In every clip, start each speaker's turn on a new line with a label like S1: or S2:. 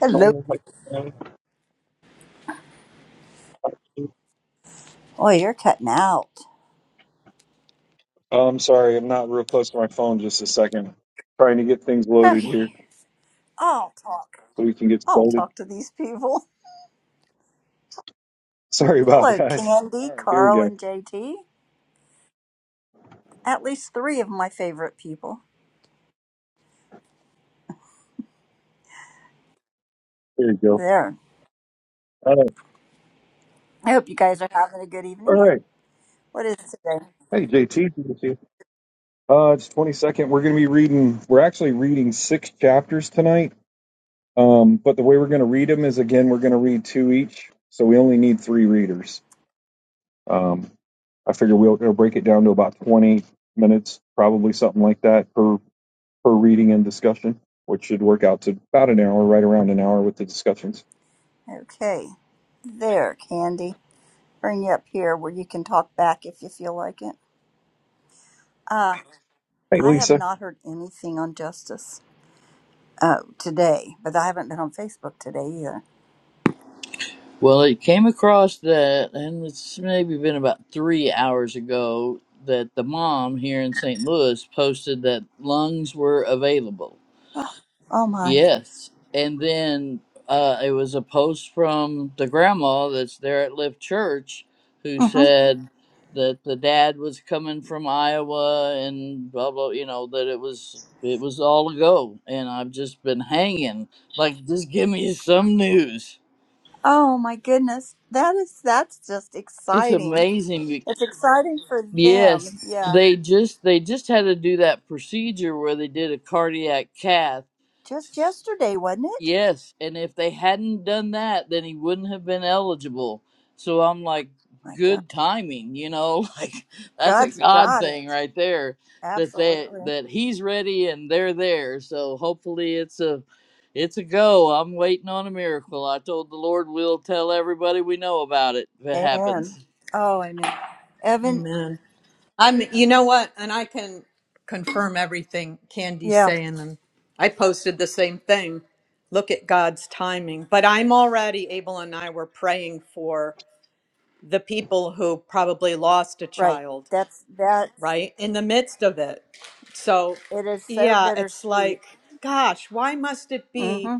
S1: Hello.
S2: Oh,
S1: Oh, you're cutting out.
S2: I'm sorry, I'm not real close to my phone. Just a second, trying to get things loaded
S1: Okay,
S2: here
S1: I'll talk.
S2: so we can get
S1: I'll
S2: started.
S1: talk to these people.
S2: Sorry about
S1: Hello,
S2: that.
S1: Candy,
S2: All right, here we
S1: Carl,
S2: go.
S1: and JT. At least three of my favorite people.
S2: Here we go.
S1: There.
S2: Uh,
S1: I hope you guys are having a good
S2: all
S1: evening.
S2: right.
S1: What is it today?
S2: Hey, JT. good to see you. Uh, it's 22nd. We're going to be reading. We're actually reading six chapters tonight. Um, but the way we're going to read them is again, we're going to read two each, so we only need three readers. Um, I figure we'll, we'll break it down to about 20 minutes, probably something like that per per reading and discussion, which should work out to about an hour, right around an hour with the discussions.
S1: Okay, there, Candy. Bring you up here where you can talk back if you feel like it. Uh,
S2: Hey,
S1: I have
S2: Lisa.
S1: not heard anything on justice uh, today, but I haven't been on Facebook today either.
S3: Well, it came across that, and it's maybe been about three hours ago, that the mom here in St. Louis posted that lungs were available.
S1: Oh my.
S3: Yes. And then uh, it was a post from the grandma that's there at Lift Church who
S1: Mm-hmm.
S3: said that the dad was coming from Iowa and blah, blah, you know, that it was. It was all a go, and I've just been hanging. Like, just give me some news.
S1: Oh my goodness. That is that's just
S3: It's
S1: exciting.
S3: amazing.
S1: It's exciting for them.
S3: Yes,
S1: Yeah.
S3: they just they just had to do that procedure where they did a cardiac cath.
S1: Just yesterday, wasn't it?
S3: Yes, and if they hadn't done that, then he wouldn't have been eligible. So I'm like,
S1: My God.
S3: good timing, you know, like that's a
S1: God's
S3: God
S1: got
S3: thing
S1: it.
S3: right there that they
S1: Absolutely.
S3: that he's ready and they're there. So hopefully it's a it's a go. I'm waiting on a miracle. I told the Lord we'll tell everybody we know about it if it
S1: And
S3: happens.
S1: oh amen. Evan,
S4: Amen. I'm. You know what? And I can confirm everything Candy's
S1: yeah,
S4: saying, and I posted the same thing. Look at God's timing. But I'm already. Abel and I were praying for the people who probably lost a
S1: right.
S4: child,
S1: That's that's
S4: right, in the midst of it. So,
S1: it is so
S4: yeah, it's
S1: bittersweet.
S4: like, gosh, why must it be?
S1: Mm-hmm.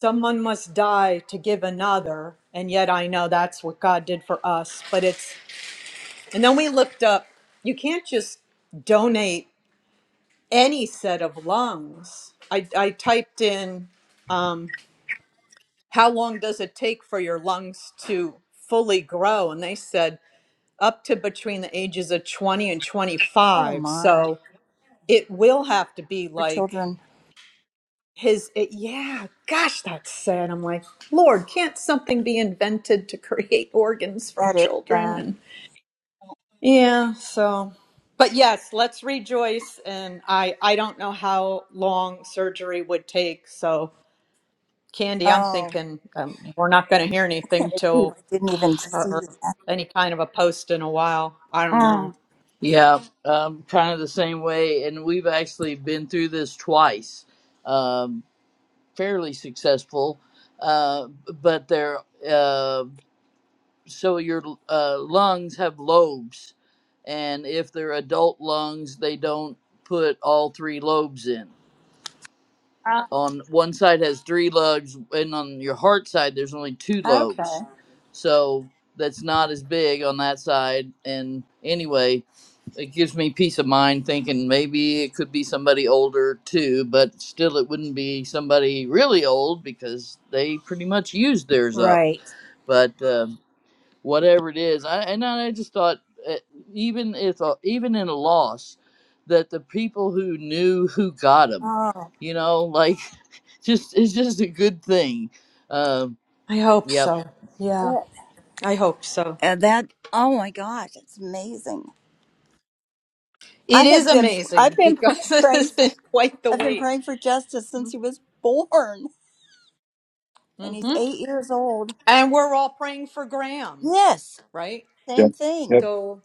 S4: Someone must die to give another, and yet I know that's what God did for us. But it's And then we looked up, you can't just donate any set of lungs. I, I typed in, um, how long does it take for your lungs to fully grow? And they said up to between the ages of 20 and
S1: Oh
S4: 25.
S1: my.
S4: So it will have to be
S1: For
S4: like
S1: children.
S4: his, it, yeah, gosh, that's sad. I'm like, Lord, can't something be invented to create organs for
S1: That is
S4: children?
S1: sad.
S4: and. Yeah, so but yes, let's rejoice and I I don't know how long surgery would take. So Candy, I'm
S1: Oh,
S4: thinking um, we're not going to hear
S1: I can't
S4: anything
S1: believe
S4: till
S1: I didn't even
S4: or,
S1: see
S4: or
S1: that.
S4: any kind of a post in a while. I don't know.
S1: Mm.
S3: Yeah, um, kind of the same way, and we've actually been through this twice. Um, fairly successful, uh, but they're uh, so your uh, lungs have lobes, and if they're adult lungs, they don't put all three lobes in
S1: Oh,
S3: on one side has three lobes and on your heart side there's only two lobes
S1: okay.
S3: so that's not as big on that side and anyway it gives me peace of mind thinking maybe it could be somebody older too but still it wouldn't be somebody really old because they pretty much used theirs up
S1: Right.
S3: but um, whatever it is I, and i just thought uh, even if uh, even in a loss that the people who knew who got them
S1: Oh.
S3: you know like just it's just a good thing. Um,
S4: I hope
S3: yep.
S4: so. Yeah, I hope so.
S1: And that, oh my gosh, it's amazing. I
S4: It is
S1: have been, I've
S4: amazing
S1: been pr-
S4: because it has
S1: praying,
S4: been quite the
S1: I've been
S4: wait.
S1: praying for justice since he was born, and he's
S4: hmm
S1: eight years old.
S4: And we're all praying for Graham,
S1: Yes,
S4: right?
S1: same
S2: Yep,
S1: thing.
S2: yep,
S4: So,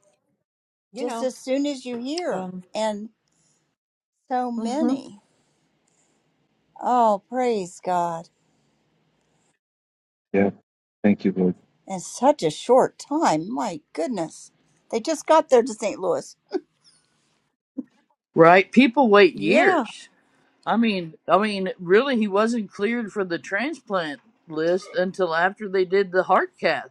S4: you
S1: Just
S4: know,
S1: as soon as you hear,
S4: um
S1: and so
S4: mhm.
S1: many. Oh, praise God!
S2: yep. Thank you, Lord.
S1: And such a short time. My goodness, they just got there to St. Louis.
S3: Right. People wait
S1: Yeah.
S3: years. I mean, I mean, really, he wasn't cleared for the transplant list until after they did the heart cath.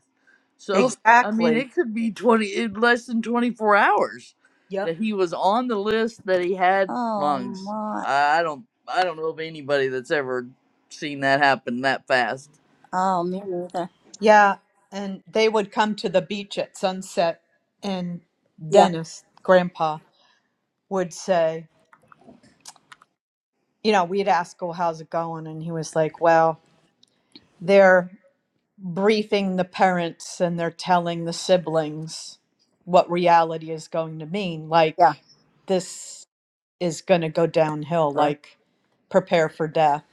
S3: So, I mean,
S4: Exactly.
S3: it could be twenty in less than twenty four hours
S4: Yep.
S3: that he was on the list that he had
S1: Oh
S3: lungs.
S1: my.
S3: I I don't, I don't know of anybody that's ever seen that happen that fast.
S1: Oh, me neither.
S4: Yeah, and they would come to the beach at sunset, and
S1: Yeah.
S4: Dennis, grandpa, would say, you know, we'd ask, well, how's it going? And he was like, well, they're briefing the parents and they're telling the siblings what reality is going to mean. Like,
S1: Yeah.
S4: this is going to go downhill,
S1: Right.
S4: like, prepare for death.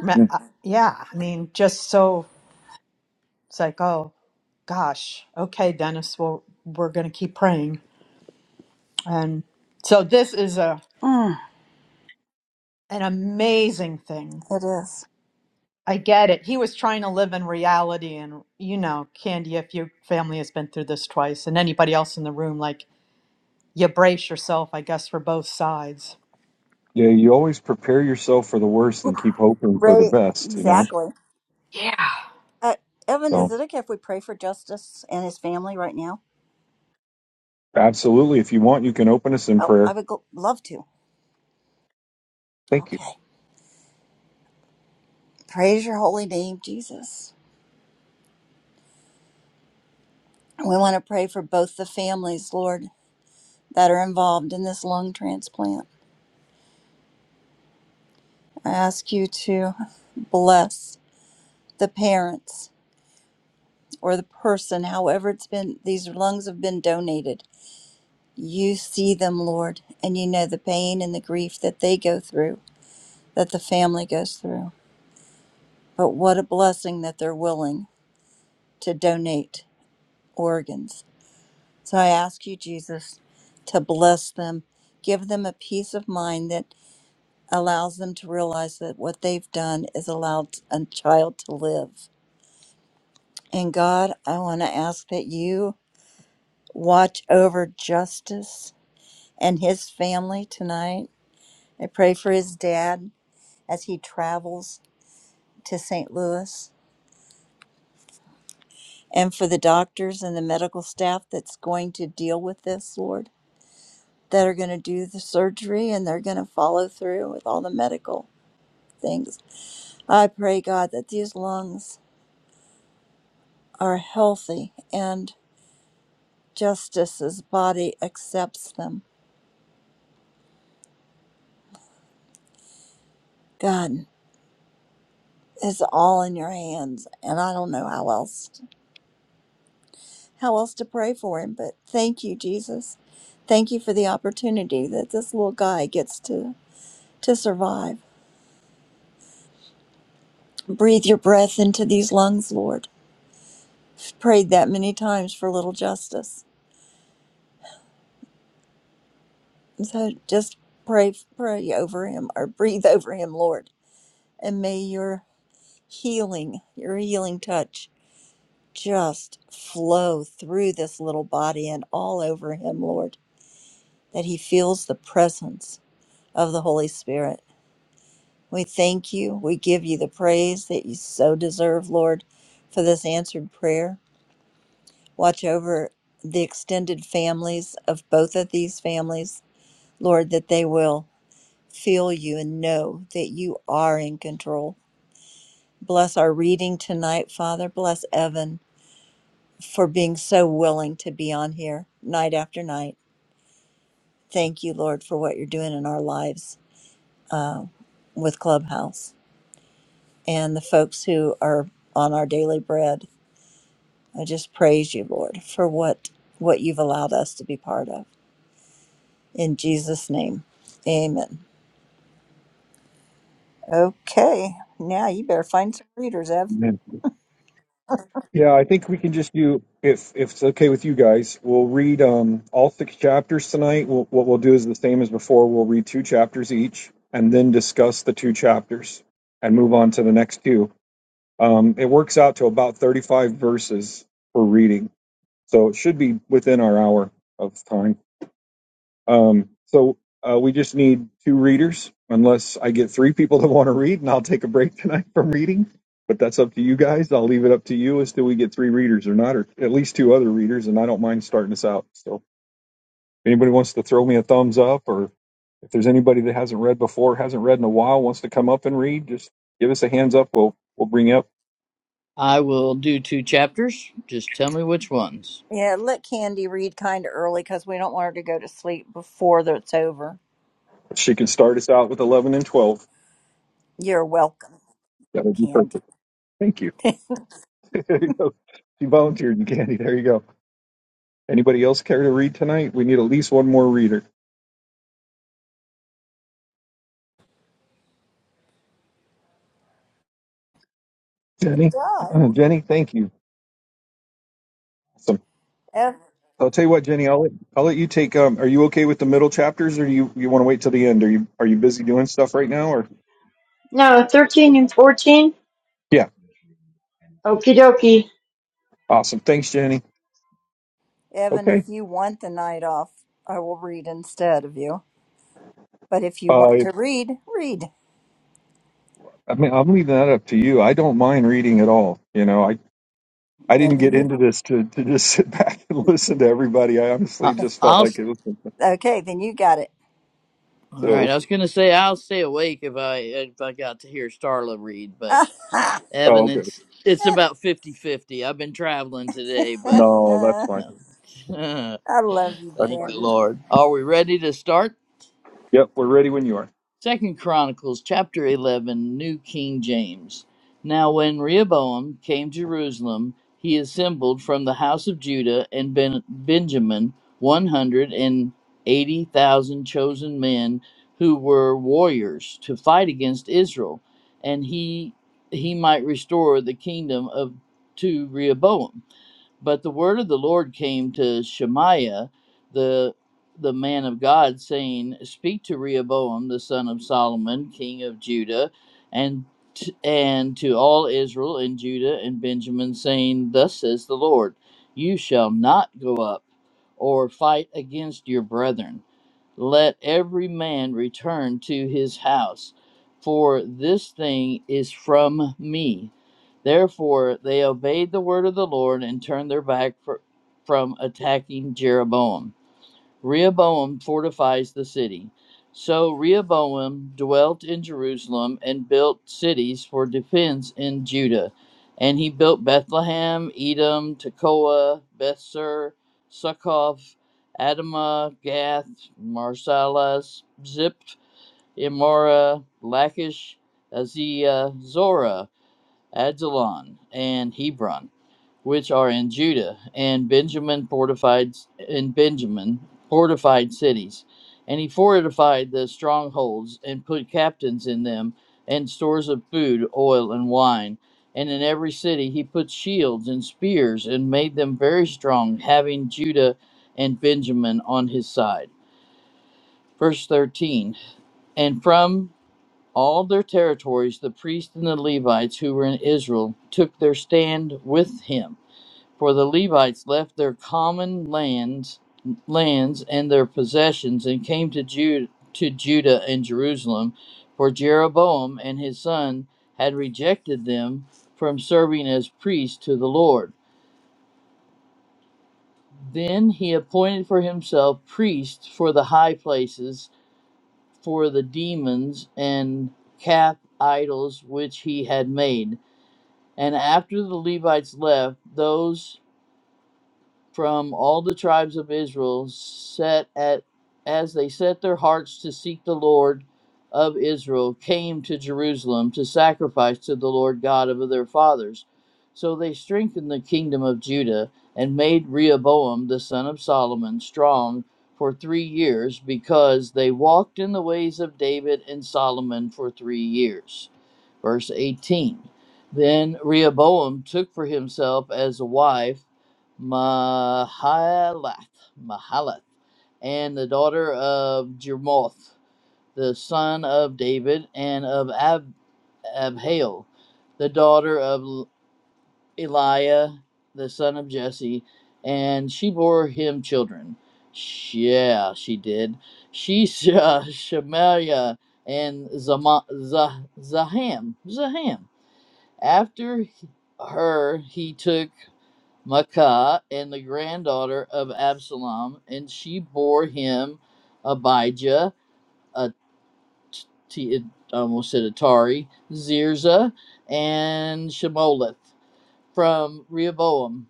S4: Ma-
S2: Hmm.
S4: uh, Yeah, I mean, just so it's like, oh, gosh, okay, Dennis, well, we're going to keep praying. And so this is a
S1: Mm,
S4: an amazing thing.
S1: it is.
S4: I get it. He was trying to live in reality and you know, Candy, if your family has been through this twice and anybody else in the room, like you brace yourself, I guess, for both sides.
S2: Yeah, you always prepare yourself for the worst and keep hoping for the
S1: Right.
S2: best, you know?
S1: Exactly.
S4: Yeah.
S1: Uh, Evan, is
S2: So,
S1: it okay if we pray for Justice and his family right now?
S2: absolutely. If you want, you can open us in
S1: Oh, I
S2: prayer.
S1: would go- love to.
S2: Thank you.
S1: Okay. Praise your holy name, Jesus. We want to pray for both the families, Lord, that are involved in this lung transplant. I ask you to bless the parents or the person, however it's been, these lungs have been donated. You see them, Lord, and you know the pain and the grief that they go through, that the family goes through. But what a blessing that they're willing to donate organs. So I ask you, Jesus, to bless them, give them a peace of mind that allows them to realize that what they've done is allowed a child to live. And God, I want to ask that you watch over Justice and his family tonight. I pray for his dad as he travels to St. Louis and for the doctors and the medical staff that's going to deal with this, Lord. that are going to do the surgery and they're going to follow through with all the medical things. I pray, God, that these lungs are healthy and Justice's body accepts them. God, it's all in your hands, and I don't know how else how else to pray for him. But thank you, Jesus. Thank you for the opportunity that this little guy gets to to survive. Breathe your breath into these lungs, Lord. I've Prayed that many times for little Justice So just pray pray over him or breathe over him, Lord, and may your healing, your healing touch just flow through this little body and all over him, Lord, that he feels the presence of the Holy Spirit. We thank you. We give you the praise that you so deserve, Lord, for this answered prayer. Watch over the extended families of both of these families, Lord, that they will. feel you and know that you are in control. Bless our reading tonight, Father. Bless Evan for being so willing to be on here night after night. Thank you, Lord, for what you're doing in our lives uh, with Clubhouse and the folks who are on our daily bread. I just praise you, Lord, for what what you've allowed us to be part of. In Jesus' name, Amen. Okay, now you better find some readers, Ev.
S2: Amen. Yeah, I think we can just do, if, if it's okay with you guys, we'll read um, all six chapters tonight. We'll, what we'll do is the same as before. We'll read two chapters each and then discuss the two chapters and move on to the next two Um, it works out to about 35 verses per reading, so it should be within our hour of time. Um, so uh, we just need two readers, unless I get three people that want to read, and I'll take a break tonight from reading. But that's up to you guys. I'll leave it up to you as to we get three readers or not, or at least two other readers. And I don't mind starting us out. So if anybody wants to throw me a thumbs up, or if there's anybody that hasn't read before, hasn't read in a while, wants to come up and read, just give us a hands up. We'll we'll bring you up.
S3: I will do two chapters. Just tell me which ones.
S1: Yeah, let Candy read kind of early because we don't want her to go to sleep before that's over.
S2: If She can start us out with 11 and 12.
S1: You're welcome,
S2: That'll be
S1: Candy.
S2: perfect. Thank you. There you go. She volunteered, you, Candy. There you go. Anybody else care to read tonight? We need at least one more reader. Jenny?
S1: So,
S2: Jenny, thank you. Awesome.
S1: Ev-
S2: I'll tell you what, Jenny, I'll let, I'll let you take. Um, are you okay with the middle chapters or do you, you want to wait till the end? Are you are you busy doing stuff right now? Or
S5: No, 13 and 14?
S2: Yeah.
S5: Okie dokie.
S2: Awesome. Thanks, Jenny.
S1: Evan,
S2: Okay.
S1: if you want the night off, I will read instead of you. But if you
S2: Uh,
S1: want to read, read.
S2: I mean, I'm leaving that up to you. I don't mind reading at all. You know, I. I
S1: Then
S2: didn't get
S1: you-
S2: into this to, to just sit back and listen to everybody. I honestly
S3: I-
S2: just felt
S3: I'll.
S2: like it was
S1: okay, then you got it.
S3: All right,
S2: so.
S3: I was gonna say I'll stay awake if I if I got to hear Starla read, but
S1: I
S2: Oh,
S3: Evan,
S2: okay.
S3: it's it's about fifty fifty. I've been traveling today, but
S2: No, that's fine.
S3: no.
S1: love you,
S2: That's
S3: Thank
S2: fine.
S3: the
S1: Candy.
S3: Lord. Are we ready to start?
S2: Yep, we're ready when you are.
S3: Second Chronicles chapter 11, New King James. Now when Rehoboam came to Jerusalem, he assembled from the house of Judah and ben- Benjamin 180,000 chosen men who were warriors to fight against Israel, and he he might restore the kingdom of to Rehoboam but the word of the Lord came to Shemaiah, the the man of God, saying, "Speak to Rehoboam the son of Solomon, king of Judah, and t- and to all Israel and Judah and Benjamin, saying, Thus says the Lord: You shall not go up or fight against your brethren." Let every man return to his house, for this thing is from me. Therefore, they obeyed the word of the Lord and turned their back fr- from attacking Jeroboam. Rehoboam fortifies the city. So Rehoboam dwelt in Jerusalem and built cities for defense in Judah. And he built Bethlehem, Edom, Tekoa, Bethser, Succoth, Adamah, Gath, Marsalas, Zip, Emora, Lachish, Azia, Zorah, Adzalon, and Hebron which are in Judah, and Benjamin fortified in Benjamin fortified cities, and he fortified the strongholds and put captains in them, and stores of food, oil, and wine. And in every city he put shields and spears and made them very strong, having Judah and Benjamin on his side. Verse 13 And from all their territories the priests and the Levites who were in Israel took their stand with him for the Levites left their common lands, lands and their possessions, and came to Judah, to Judah and Jerusalem. For Jeroboam and his son had rejected them from serving as priests to the Lord. Then he appointed for himself priests for the high places, for the demons and calf idols which he had made. And after the Levites left, those from all the tribes of Israel set at as they set their hearts to seek the Lord of Israel came to Jerusalem to sacrifice to the Lord God of their fathers. So they strengthened the kingdom of Judah and made Rehoboam the son of Solomon strong for 3 years because they walked in the ways of David and Solomon for 3 years. Verse 18 Then Rehoboam took for himself as a wife Mahalath, Mahalath and the daughter of Jermoth, the son of David, and of Ab- Abhail, the daughter of L- Eliah, the son of Jesse, and she bore him children. Sh- Yeah, she did. She, Shemaiah, and Zama- Zah- Zaham, Zaham. After her, he took Maachah and the granddaughter of Absalom, and she bore him Abijah, a t- t- I almost said Atari, Zirzah, and Shemoleth from Rehoboam.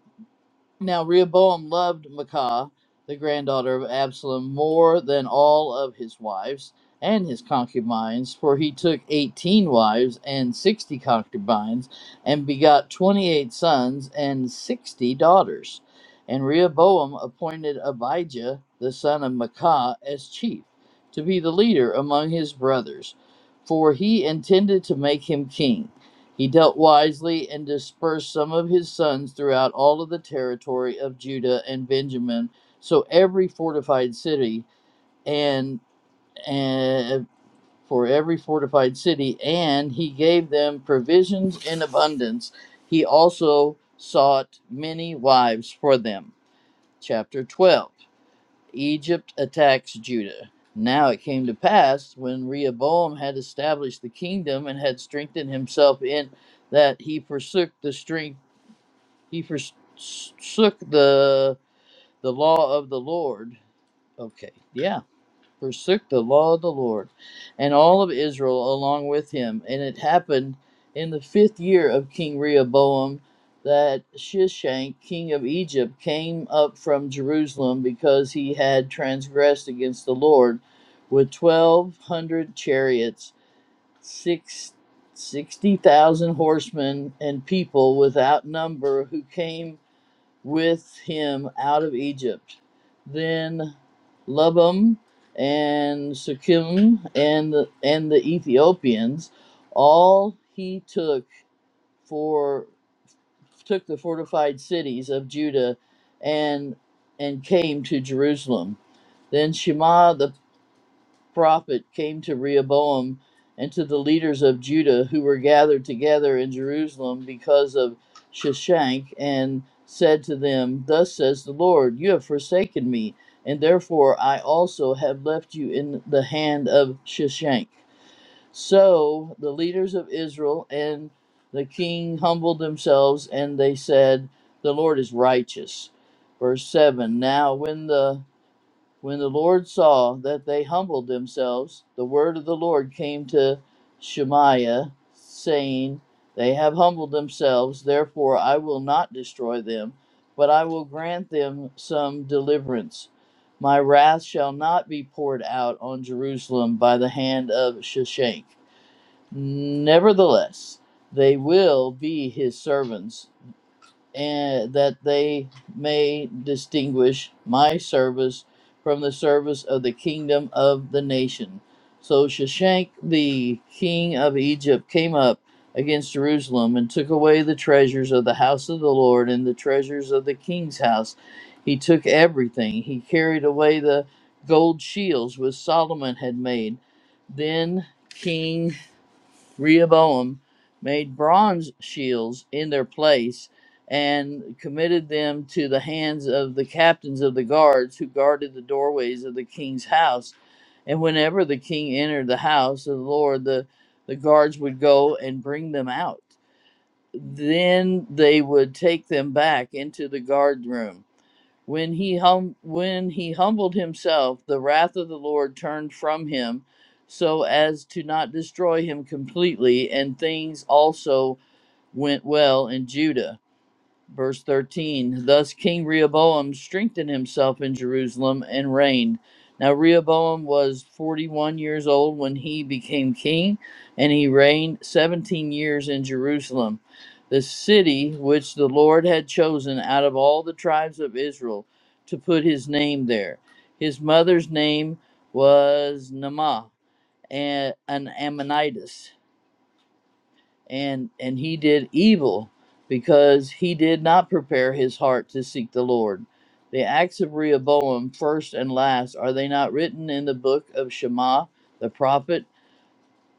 S3: Now Rehoboam loved Maacah, the granddaughter of Absalom, more than all of his wives and his concubines, for he took eighteen wives and sixty concubines, and begot twenty-eight sons and sixty daughters. And Rehoboam appointed Abijah, the son of Maacah, as chief, to be the leader among his brothers, for he intended to make him king. He dealt wisely and dispersed some of his sons throughout all of the territory of Judah and Benjamin. So every fortified city and and for every fortified city, and he gave them provisions in abundance. He also sought many wives for them. Chapter 12. Egypt attacks Judah. Now it came to pass when Rehoboam had established the kingdom and had strengthened himself in that he forsook the strength he forsook the the law of the Lord. Okay, yeah forsook the law of the Lord, and all of Israel along with him. And it happened in the fifth year of King Rehoboam that Shishak, king of Egypt, came up from Jerusalem because he had transgressed against the Lord with twelve hundred chariots, six sixty thousand horsemen, and people without number who came with him out of Egypt. Then Lubim and Sukim and the, and the Ethiopians, all he took for took the fortified cities of Judah, and and came to Jerusalem. Then Shema the prophet came to Rehoboam and to the leaders of Judah who were gathered together in Jerusalem because of Shishak and said to them, Thus says the Lord, you have forsaken me, and therefore I also have left you in the hand of Shishak. So the leaders of Israel and the king humbled themselves, and they said, The Lord is righteous. Verse 7 Now, when the when the Lord saw that they humbled themselves, the word of the Lord came to Shemaiah, saying, They have humbled themselves, therefore I will not destroy them, but I will grant them some deliverance. My wrath shall not be poured out on Jerusalem by the hand of Shishak. Nevertheless, they will be his servants and that they may distinguish my service from the service of the kingdom of the nation. So Shishak the king of Egypt came up against Jerusalem and took away the treasures of the house of the Lord and the treasures of the king's house. He took everything. He carried away the gold shields which Solomon had made. Then King Rehoboam made bronze shields in their place and committed them to the hands of the captains of the guards who guarded the doorways of the king's house. And whenever the king entered the house of the Lord, the, the guards would go and bring them out. Then they would take them back into the guard room when he hum- when he humbled himself, the wrath of the Lord turned from him, so as to not destroy him completely, and things also went well in Judah. Verse 13 Thus King Rehoboam strengthened himself in Jerusalem and reigned. Now Rehoboam was 41 years old when he became king, and he reigned 17 years in Jerusalem, the city which the Lord had chosen out of all the tribes of Israel to put his name there. His mother's name was Naamah, a- an Ammonitess and and he did evil because he did not prepare his heart to seek the Lord. The acts of Rehoboam, first and last, are they not written in the book of Shema the prophet?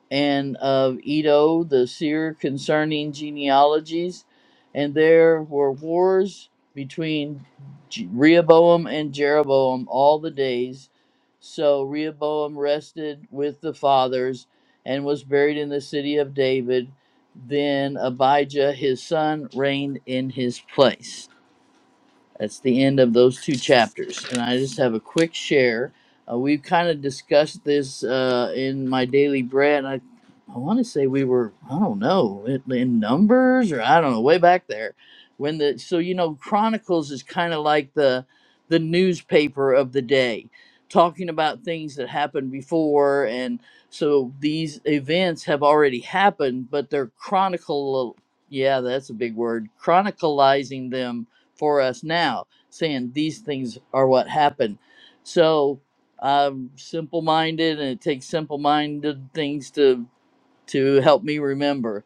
S3: and of Edo the seer concerning genealogies, and there were wars between Je- Rehoboam and Jeroboam all the days. So Rehoboam rested with the fathers and was buried in the city of David. Then Abijah his son reigned in his place. That's the end of those two chapters. And I just have a quick share. Uh, we've kind of discussed this uh, in my daily bread. I, I want to say we were, I don't know, in in numbers or I don't know, way back there. When the so you know Chronicles is kind of like the the newspaper of the day, talking about things that happened before, and so these events have already happened, but they're chronicle. Yeah, that's a big word. Chronicalizing them for us now, saying these things are what happened. So I'm simple minded, and it takes simple minded things to to help me remember.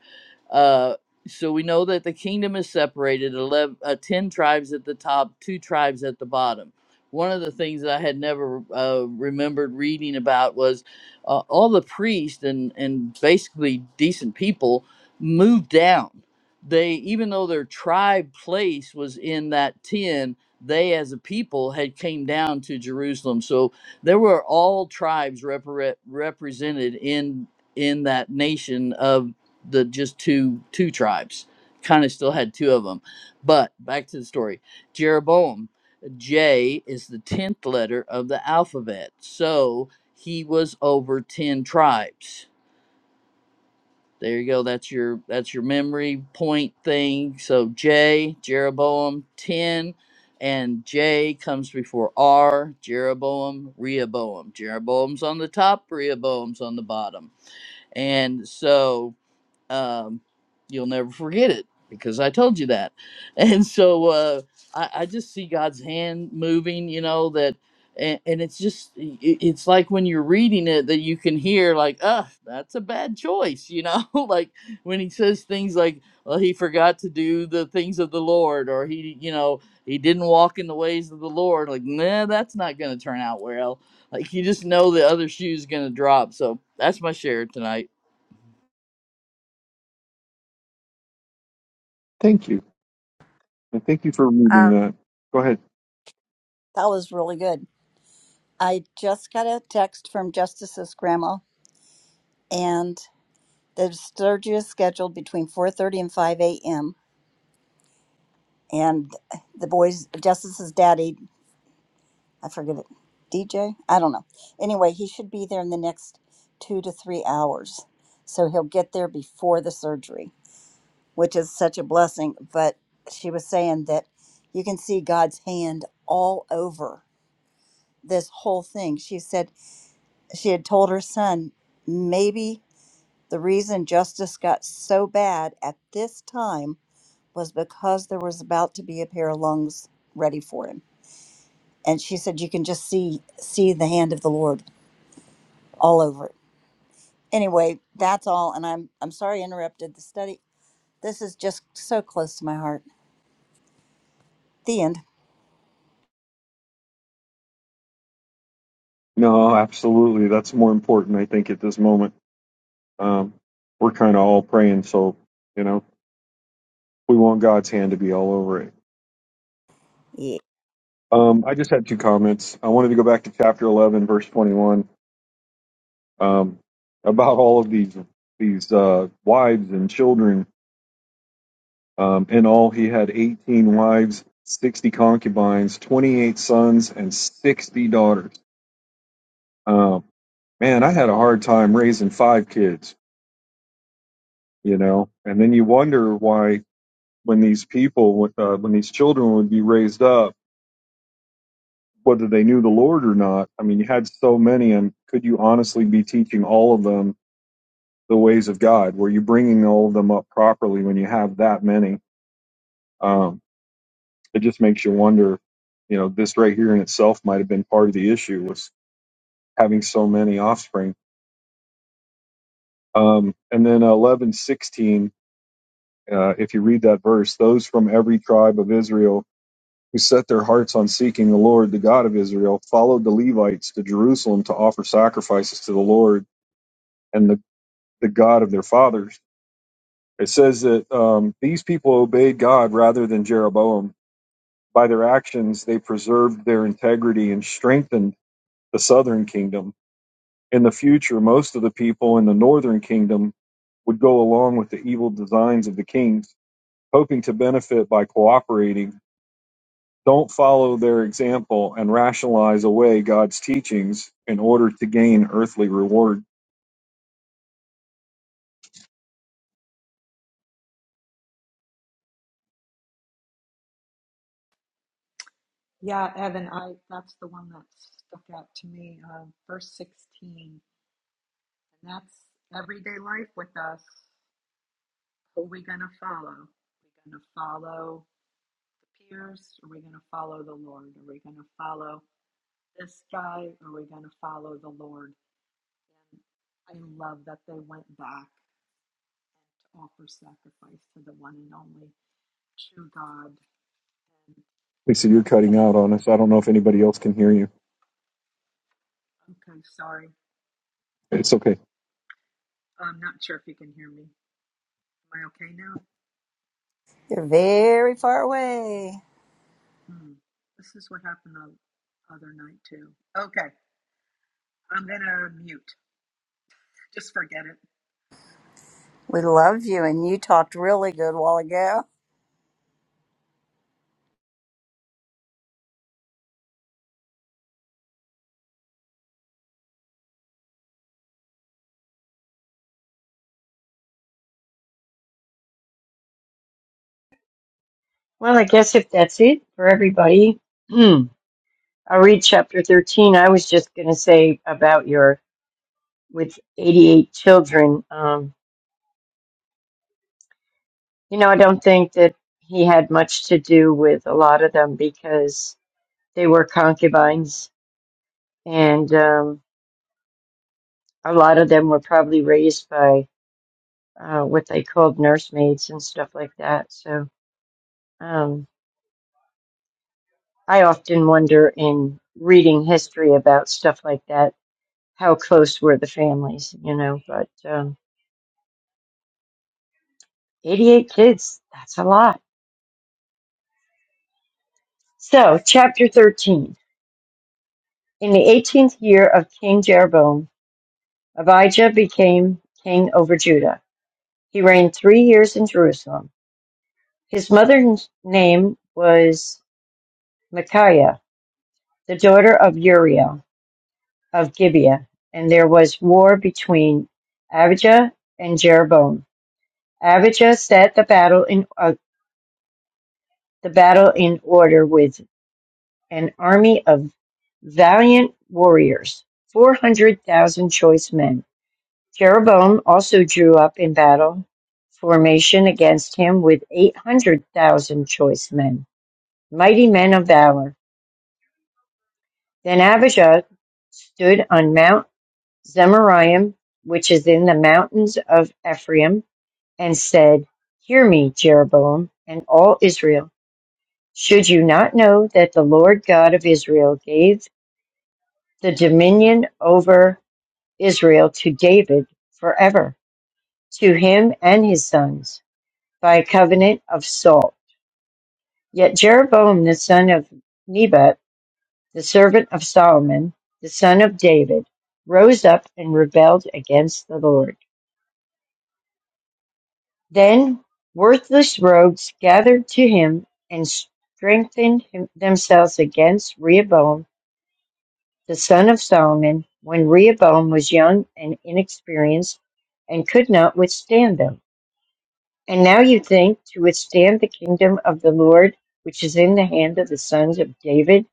S3: Uh, so we know that the kingdom is separated 11, uh, 10 tribes at the top, two tribes at the bottom. One of the things that I had never uh, remembered reading about was uh, all the priests and, and basically decent people moved down. They, even though their tribe place was in that 10, they as a people had came down to Jerusalem. So there were all tribes repre- represented in in that nation of the just two two tribes kind of still had two of them but back to the story jeroboam j is the 10th letter of the alphabet so he was over 10 tribes there you go that's your that's your memory point thing so j jeroboam 10 and j comes before r jeroboam rehoboam jeroboam's on the top rehoboam's on the bottom and so um, you'll never forget it because I told you that. And so uh, I, I just see God's hand moving, you know, that, and, and it's just, i- it's like when you're reading it that you can hear, like, ah, that's a bad choice, you know, like when he says things like, well, he forgot to do the things of the Lord, or he, you know, he didn't walk in the ways of the Lord, like, nah, that's not going to turn out well. Like, you just know the other shoe's going to drop. So that's my share tonight.
S2: Thank you. And thank you for reading
S1: Um,
S2: that. Go ahead.
S1: that was really good. I just got a text from Justice's grandma, and the surgery is scheduled between 4:30 and 5 a.m. and the boys justice's daddy i forget it dj i don't know anyway he should be there in the next two to three hours so he'll get there before the surgery which is such a blessing but she was saying that you can see god's hand all over this whole thing she said she had told her son maybe the reason justice got so bad at this time was because there was about to be a pair of lungs ready for him and she said you can just see see the hand of the lord all over it anyway that's all and i'm i'm sorry I interrupted the study this is just so close to my heart the end
S2: No, absolutely. That's more important, I think, at this moment. Um, we're kind of all praying, so, you know, we want God's hand to be all over it.
S1: yeah.
S2: Um, I just had two comments. I wanted to go back to chapter 11, verse 21, um, about all of these these uh, wives and children Um, in all, he had 18 wives, 60 concubines, 28 sons, and 60 daughters. Um, man, I had a hard time raising five kids, you know. And then you wonder why, when these people, would, uh, when these children would be raised up, whether they knew the Lord or not. I mean, you had so many, and could you honestly be teaching all of them the ways of God? Were you bringing all of them up properly when you have that many? Um, it just makes you wonder, you know, this right here in itself might have been part of the issue was having so many offspring. Um, and then eleven sixteen, uh, if you read that verse, those from every tribe of Israel who set their hearts on seeking the Lord, the God of Israel, followed the Levites to Jerusalem to offer sacrifices to the Lord and the, the God of their fathers. It says that um, these people obeyed God rather than Jeroboam. By their actions, they preserved their integrity and strengthened the southern kingdom In the future, most of the people in the northern kingdom would go along with the evil designs of the kings, hoping to benefit by cooperating. Don't follow their example and rationalize away God's teachings in order to gain earthly reward.
S4: Yeah, Evan, I that's the one that stuck out to me. Uh, verse 16, and that's everyday life with us. Who are we going to follow? Are we going to follow the peers? Are we going to follow the Lord? Are we going to follow? this guy? Are we going to follow the Lord? And I love that they went back to offer sacrifice to the one and only true God. And
S2: Lisa, you're cutting
S4: that,
S2: out on us. I don't know if anybody else can hear you.
S4: okay, sorry.
S2: It's okay.
S4: I'm not sure if you can hear me. Am I okay now?
S1: you're very far away
S4: Hmm. This is what happened the other night, too. Okay, I'm going to mute. Just forget it.
S1: we love you and you talked really good while ago
S5: Well, I guess if that's it for everybody, hmm, I'll read chapter 13. I was just going to say about your, with 88 children, um, you know, I don't think that he had much to do with a lot of them because they were concubines and um, a lot of them were probably raised by uh, what they called nursemaids and stuff like that. So, um, I often wonder in reading history about stuff like that, how close were the families, you know, but um, 88 kids, that's a lot. So, chapter 13. In the 18th year of King Jeroboam, Abijah became king over Judah. He reigned three years in Jerusalem. His mother's name was Micaiah, the daughter of Uriel of Gibeah, and there was war between Abijah and Jeroboam. Abijah set the battle in uh, the battle in order with an army of valiant warriors, four hundred thousand choice men. Jeroboam also drew up in battle formation against him with eight hundred thousand choice men, mighty men of valor. Then Abijah stood on Mount Zemaraim, which is in the mountains of Ephraim, and said, Hear me, Jeroboam, and all Israel. Should you not know that the Lord God of Israel gave the dominion over Israel to David forever, to him and his sons, by a covenant of salt? Yet Jeroboam the son of Nebat, the servant of Solomon, the son of David, rose up and rebelled against the Lord. Then worthless rogues gathered to him and strengthened him, themselves against Rehoboam the son of Solomon, when Rehoboam was young and inexperienced, and could not withstand them. And now you think to withstand the kingdom of the Lord, which is in the hand of the sons of David,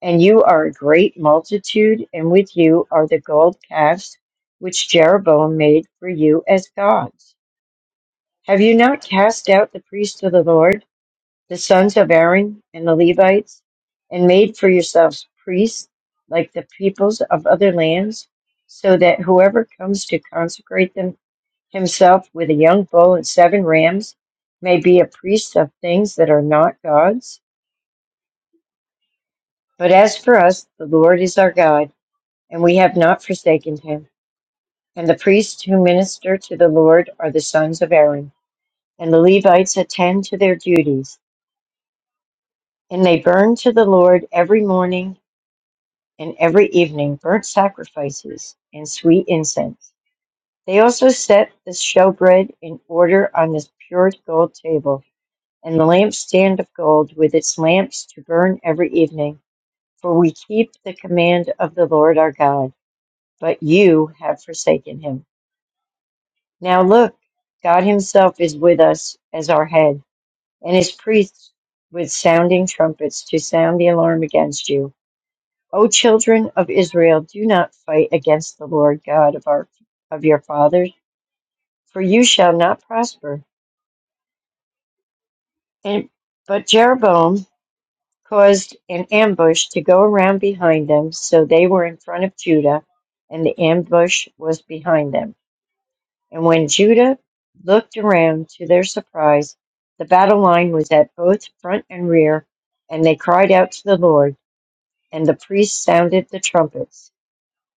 S5: and you are a great multitude, and with you are the gold calves which Jeroboam made for you as gods. Have you not cast out the priests of the Lord? the sons of Aaron and the Levites, and made for yourselves priests like the peoples of other lands, so that whoever comes to consecrate them himself with a young bull and seven rams may be a priest of things that are not God's. But as for us, the Lord is our God, and we have not forsaken him. And the priests who minister to the Lord are the sons of Aaron, and the Levites attend to their duties. And they burn to the Lord every morning and every evening burnt sacrifices and sweet incense. They also set the showbread in order on this pure gold table, and the lampstand of gold with its lamps to burn every evening. For we keep the command of the Lord our God, but you have forsaken him. Now look, God himself is with us as our head, and his priests with sounding trumpets to sound the alarm against you. O children of Israel, do not fight against the Lord God of our of your fathers, for you shall not prosper. And, but Jeroboam caused an ambush to go around behind them, so they were in front of Judah, and the ambush was behind them. And when Judah looked around to their surprise, the battle line was at both front and rear, and they cried out to the Lord, and the priests sounded the trumpets.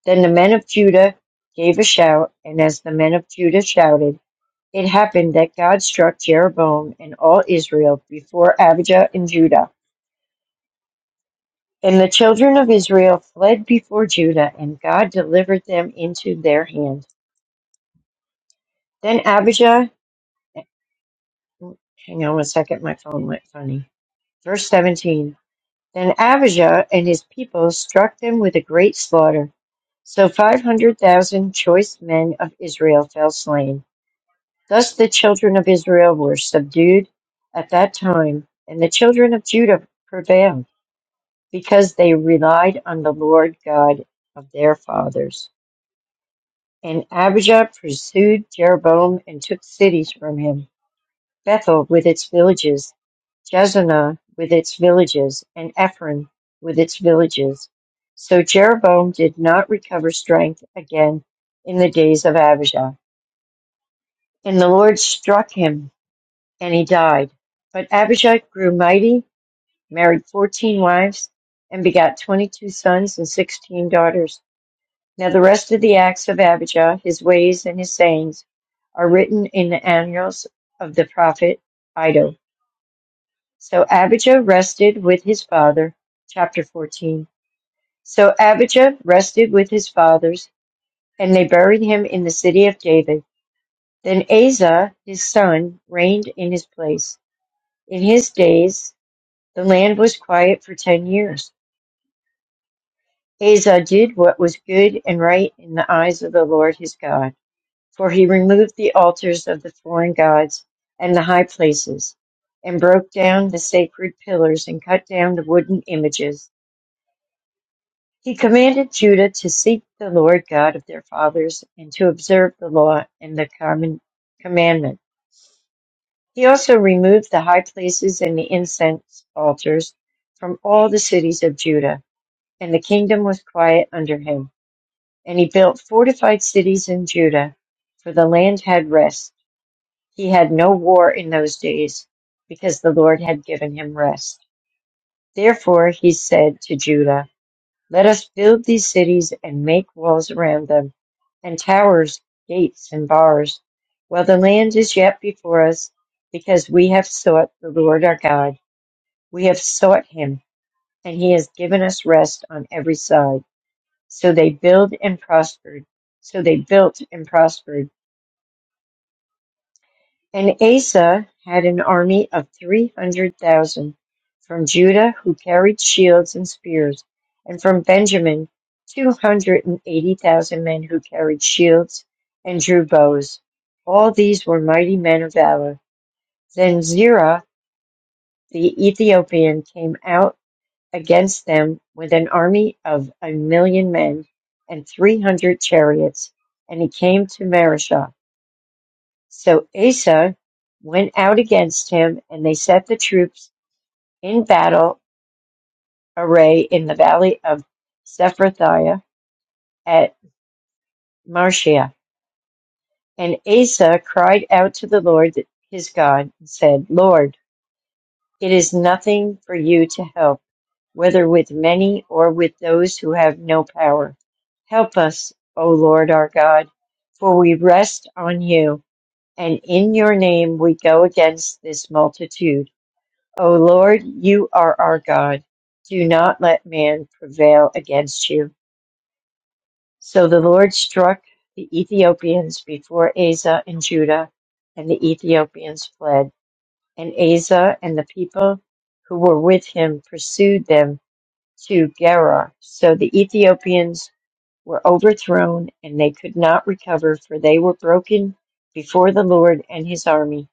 S5: Then the men of Judah gave a shout, and as the men of Judah shouted, it happened that God struck Jeroboam and all Israel before Abijah and Judah. And the children of Israel fled before Judah, and God delivered them into their hand. Then Abijah, hang on one second, my phone went funny. Verse 17 Then Abijah and his people struck them with a great slaughter. So 500,000 choice men of Israel fell slain Thus the children of Israel were subdued at that time, and the children of Judah prevailed, because they relied on the Lord God of their fathers. And Abijah pursued Jeroboam and took cities from him Bethel with its villages, Jezanah with its villages, and Ephraim with its villages. So Jeroboam did not recover strength again in the days of Abijah. And the Lord struck him and he died. But Abishai grew mighty, married fourteen wives, and begat twenty-two sons and sixteen daughters. Now the rest of the acts of Abijah, his ways and his sayings, are written in the annals of the prophet Iddo. So Abijah rested with his father. Chapter 14. So Abijah rested with his fathers, and they buried him in the city of David. Then Asa, his son, reigned in his place. In his days, The land was quiet for ten years. Hazah did what was good and right in the eyes of the Lord his God, for he removed the altars of the foreign gods and the high places, and broke down the sacred pillars and cut down the wooden images. He commanded Judah to seek the Lord God of their fathers and to observe the law and the common commandment. He also removed the high places and the incense altars from all the cities of Judah and the kingdom was quiet under him. And he built fortified cities in Judah, for the land had rest. He had no war in those days, because the Lord had given him rest. Therefore he said to Judah, Let us build these cities and make walls around them, and towers, gates, and bars, while the land is yet before us, because we have sought the Lord our God. We have sought him, and he has given us rest on every side. So they build and prospered. So they built and prospered. And Asa had an army of 300,000 from Judah who carried shields and spears, and from Benjamin 280,000 men who carried shields and drew bows. All these were mighty men of valor. Then Zerah the Ethiopian came out against them with an army of a million men and three hundred chariots, and he came to Marishah. So Asa went out against him, and they set the troops in battle array in the valley of Sephrathiah at Marshia. And Asa cried out to the Lord his God and said, Lord, it is nothing for you to help whether with many or with those who have no power. Help us, O Lord our God, for we rest on you, and in your name we go against this multitude. O Lord, you are our God. Do not let man prevail against you. So the Lord struck the Ethiopians before Asa and Judah, and the Ethiopians fled. And Asa and the people who were with him pursued them to Gerar. So the Ethiopians were overthrown, and they could not recover, for they were broken before the Lord and his army,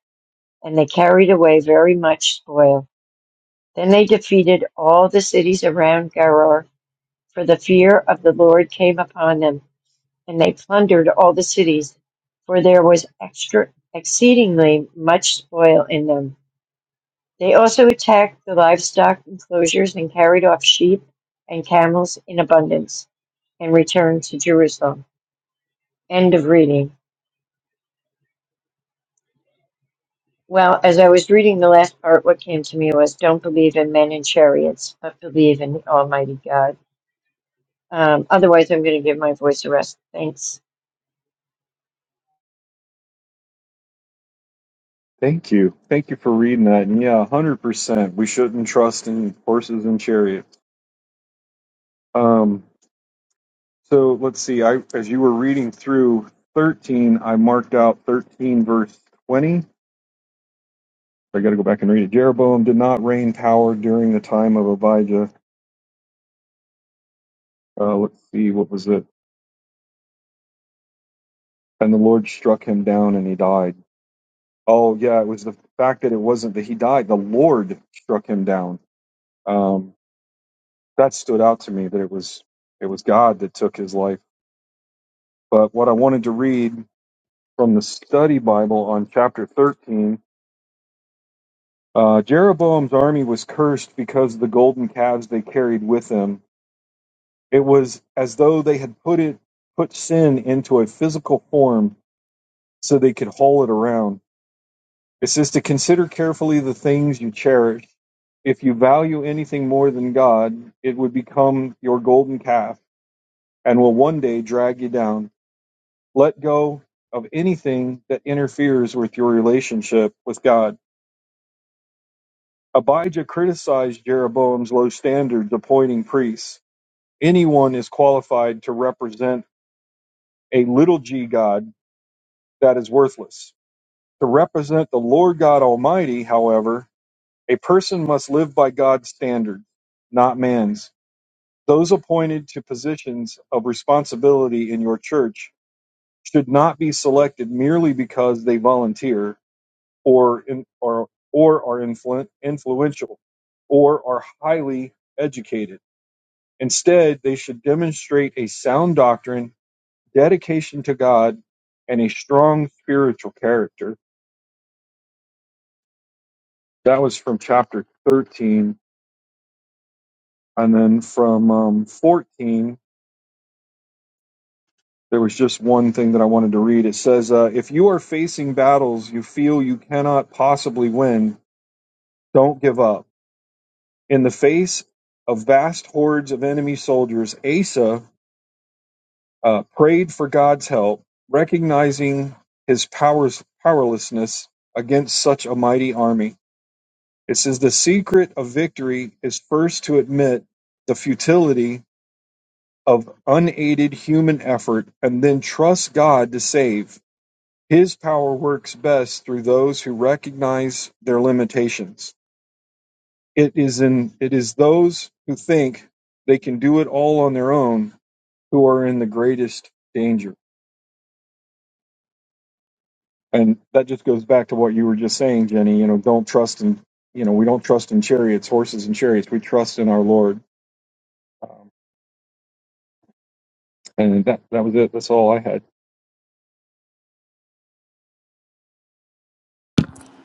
S5: and they carried away very much spoil. Then they defeated all the cities around Gerar, for the fear of the Lord came upon them, and they plundered all the cities, for there was extra exceedingly much spoil in them. They also attacked the livestock enclosures and carried off sheep and camels in abundance and returned to Jerusalem. End of reading. Well, as I was reading the last part, what came to me was don't believe in men and chariots, but believe in Almighty God. Um, otherwise, I'm going to give my voice a rest. Thanks.
S2: Thank you. Thank you for reading that. And yeah, 100%. We shouldn't trust in horses and chariots. Um, So let's see. I as you were reading through 13, I marked out 13 verse 20. I got to go back and read it. Jeroboam did not reign power during the time of Abijah. Uh, let's see, what was it? And the Lord struck him down, and he died. Oh yeah, it was the fact that it wasn't that he died. The Lord struck him down. Um, that stood out to me that it was it was God that took his life. But what I wanted to read from the study Bible on chapter 13 Uh, Jeroboam's army was cursed because of the golden calves they carried with them. It was as though they had put it put sin into a physical form so they could haul it around. It says to consider carefully the things you cherish. If you value anything more than God, it would become your golden calf and will one day drag you down. Let go of anything that interferes with your relationship with God. Abijah criticized Jeroboam's low standards appointing priests. anyone is qualified to represent a little g god that is worthless. To represent the Lord God Almighty, however, a person must live by God's standard, not man's. Those appointed to positions of responsibility in your church should not be selected merely because they volunteer or in, or or are influ- influential or are highly educated. Instead, they should demonstrate a sound doctrine dedication to God, and a strong spiritual character. That was from chapter 13. And then from um, 14, there was just one thing that I wanted to read. It says, uh, If you are facing battles you feel you cannot possibly win, don't give up. In the face of vast hordes of enemy soldiers, Asa uh, prayed for God's help, recognizing his powers, powerlessness against such a mighty army. It says the secret of victory is first to admit the futility of unaided human effort and then trust God to save. His power works best through those who recognize their limitations. It is in it is those who think they can do it all on their own who are in the greatest danger. And that just goes back to what you were just saying, Jenny. You know, don't trust in you know, we don't trust in chariots, horses and chariots. We trust in our Lord. And that that was it. That's all I had.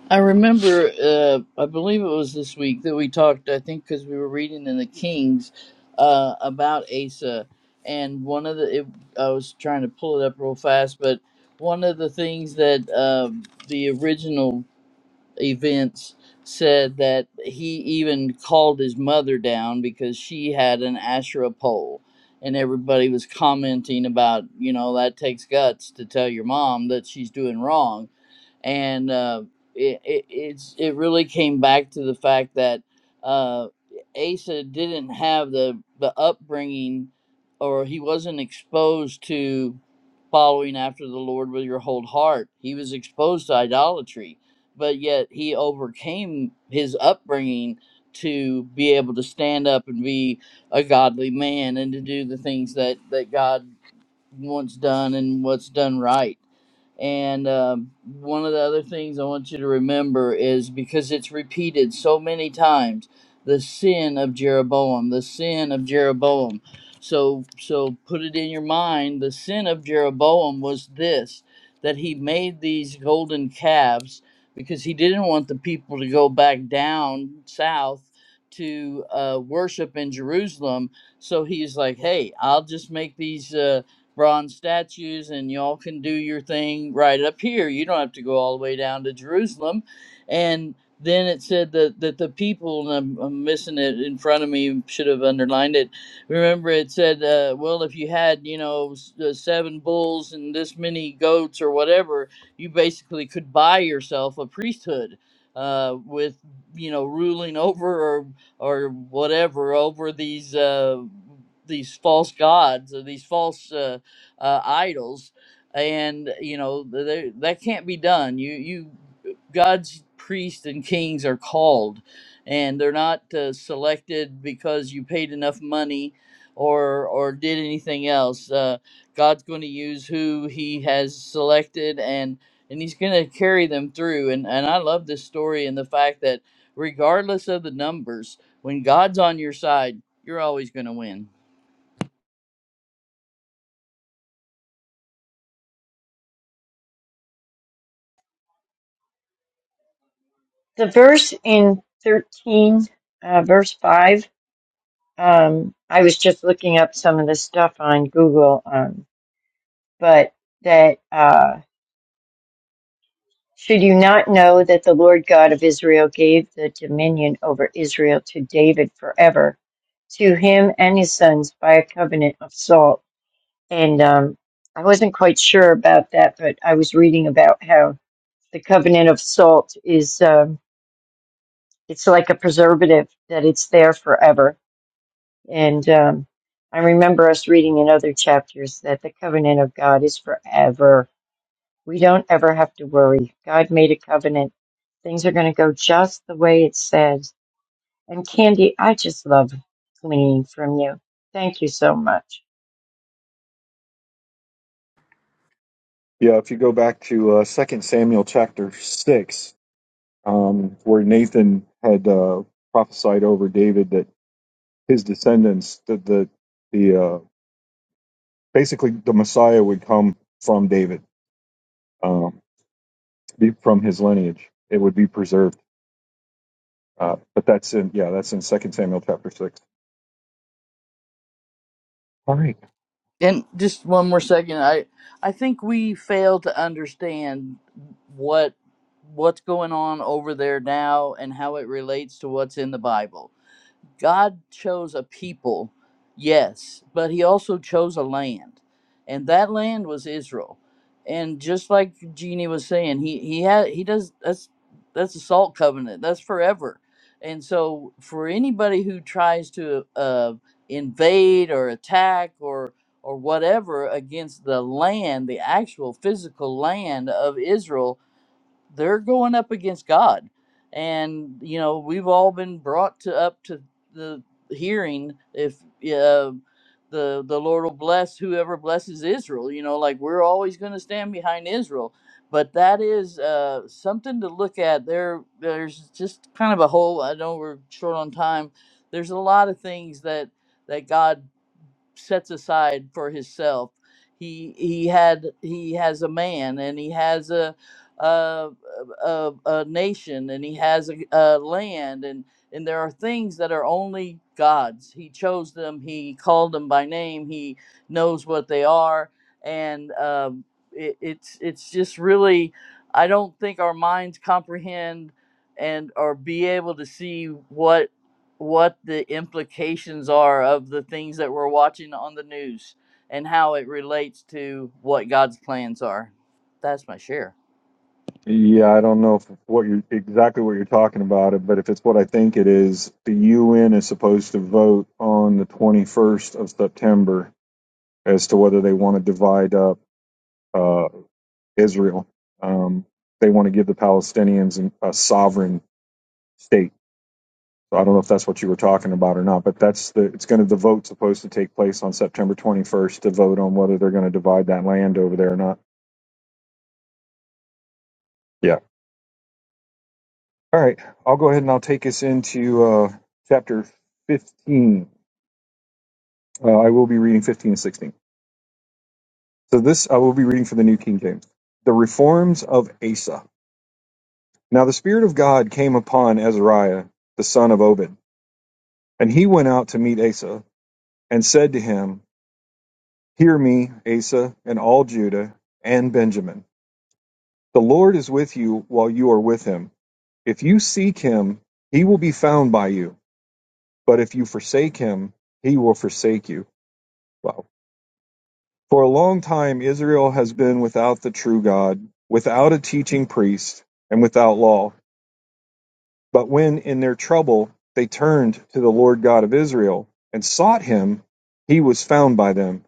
S3: I remember, uh, I believe it was this week that we talked, I think because we were reading in the Kings uh, about Asa. And one of the, it, I was trying to pull it up real fast, but one of the things that um the original events said that he even called his mother down because she had an Asherah pole. And everybody was commenting about, you know, that takes guts to tell your mom that she's doing wrong. And uh, it, it, it's, it really came back to the fact that uh, Asa didn't have the, the upbringing or he wasn't exposed to following after the Lord with your whole heart. He was exposed to idolatry but yet he overcame his upbringing to be able to stand up and be a godly man and to do the things that that God what's done and what's done right. And um, one of the other things I want you to remember is because it's repeated so many times, the sin of Jeroboam, the sin of Jeroboam. So, so put it in your mind. The sin of Jeroboam was this: that he made these golden calves because he didn't want the people to go back down south to uh, worship in Jerusalem. So he's like, "Hey, I'll just make these." Uh, bronze statues and y'all can do your thing right up here. You don't have to go all the way down to Jerusalem. And then it said that, that the people, and I'm, I'm missing it in front of me, should have underlined it. Remember, it said, uh, well, if you had, you know, s- uh, seven bulls and this many goats or whatever, you basically could buy yourself a priesthood uh, with, you know, ruling over or, or whatever over these. Uh, these false gods or these false uh, uh, idols, and you know th- that can't be done. You you God's priests and kings are called, and they're not uh, selected because you paid enough money or or did anything else. Uh, God's going to use who He has selected and. And he's going to carry them through. And, and I love this story and the fact that, regardless of the numbers, when God's on your side, you're always going to win.
S5: The verse in 13, uh, verse 5, um, I was just looking up some of the stuff on Google, um, but that. Uh, Should you not know that the Lord God of Israel gave the dominion over Israel to David forever, to him and his sons by a covenant of salt? And um, I wasn't quite sure about that, but I was reading about how the covenant of salt is um, it's like a preservative that it's there forever. And um, I remember us reading in other chapters that the covenant of God is forever We don't ever have to worry. God made a covenant. Things are going to go just the way it says. And Candy, I just love gleaning from you. Thank you so much.
S2: Yeah, if you go back to uh, 2 Samuel chapter six, um, where Nathan had uh, prophesied over David that his descendants, that the the uh, basically the Messiah would come from David, um, be from his lineage. It would be preserved. Uh, but that's in yeah, that's in Second Samuel chapter six. All right.
S3: And just one more second, I I think we fail to understand what what's going on over there now and how it relates to what's in the Bible. God chose a people, yes, but he also chose a land. And that land was Israel. And just like Jeannie was saying, he he had he does that's that's a salt covenant. That's forever. And so for anybody who tries to uh, invade or attack or or whatever against the land, the actual physical land of Israel, they're going up against God. And you know, we've all been brought to up to the hearing if uh, the the Lord will bless whoever blesses Israel. You know, like we're always going to stand behind Israel. But that is uh, something to look at. There, there's just kind of a whole. I know we're short on time. There's a lot of things that that God sets aside for himself. He he had he has a man and he has a a, a, a nation and he has a, a land and and there are things that are only God's. He chose them. He called them by name. He knows what they are, and um, it, it's it's just really I don't think our minds comprehend and or be able to see what the implications are of the things that we're watching on the news and how it relates to what God's plans are. That's my share.
S2: Yeah, I don't know if what you're exactly what you're talking about, it, but if it's what I think it is, the UN is supposed to vote on the 21st of September as to whether they want to divide up uh, Israel. Um, they want to give the Palestinians an- a sovereign state. So I don't know if that's what you were talking about or not, but that's the it's going to the vote supposed to take place on September 21st to vote on whether they're going to divide that land over there or not. Yeah. All right, I'll go ahead and I'll take us into uh, chapter 15. Uh, I will be reading 15 and 16. So, this I will be reading for the New King James. The Reforms of Asa. Now, the Spirit of God came upon Azariah, the son of Obed, and he went out to meet Asa and said to him, Hear me, Asa, and all Judah and Benjamin. The Lord is with you while you are with him. If you seek him, he will be found by you. But if you forsake him, he will forsake you. Wow. For a long time, Israel has been without the true God, without a teaching priest, and without law. But when in their trouble they turned to the Lord God of Israel and sought him, he was found by them.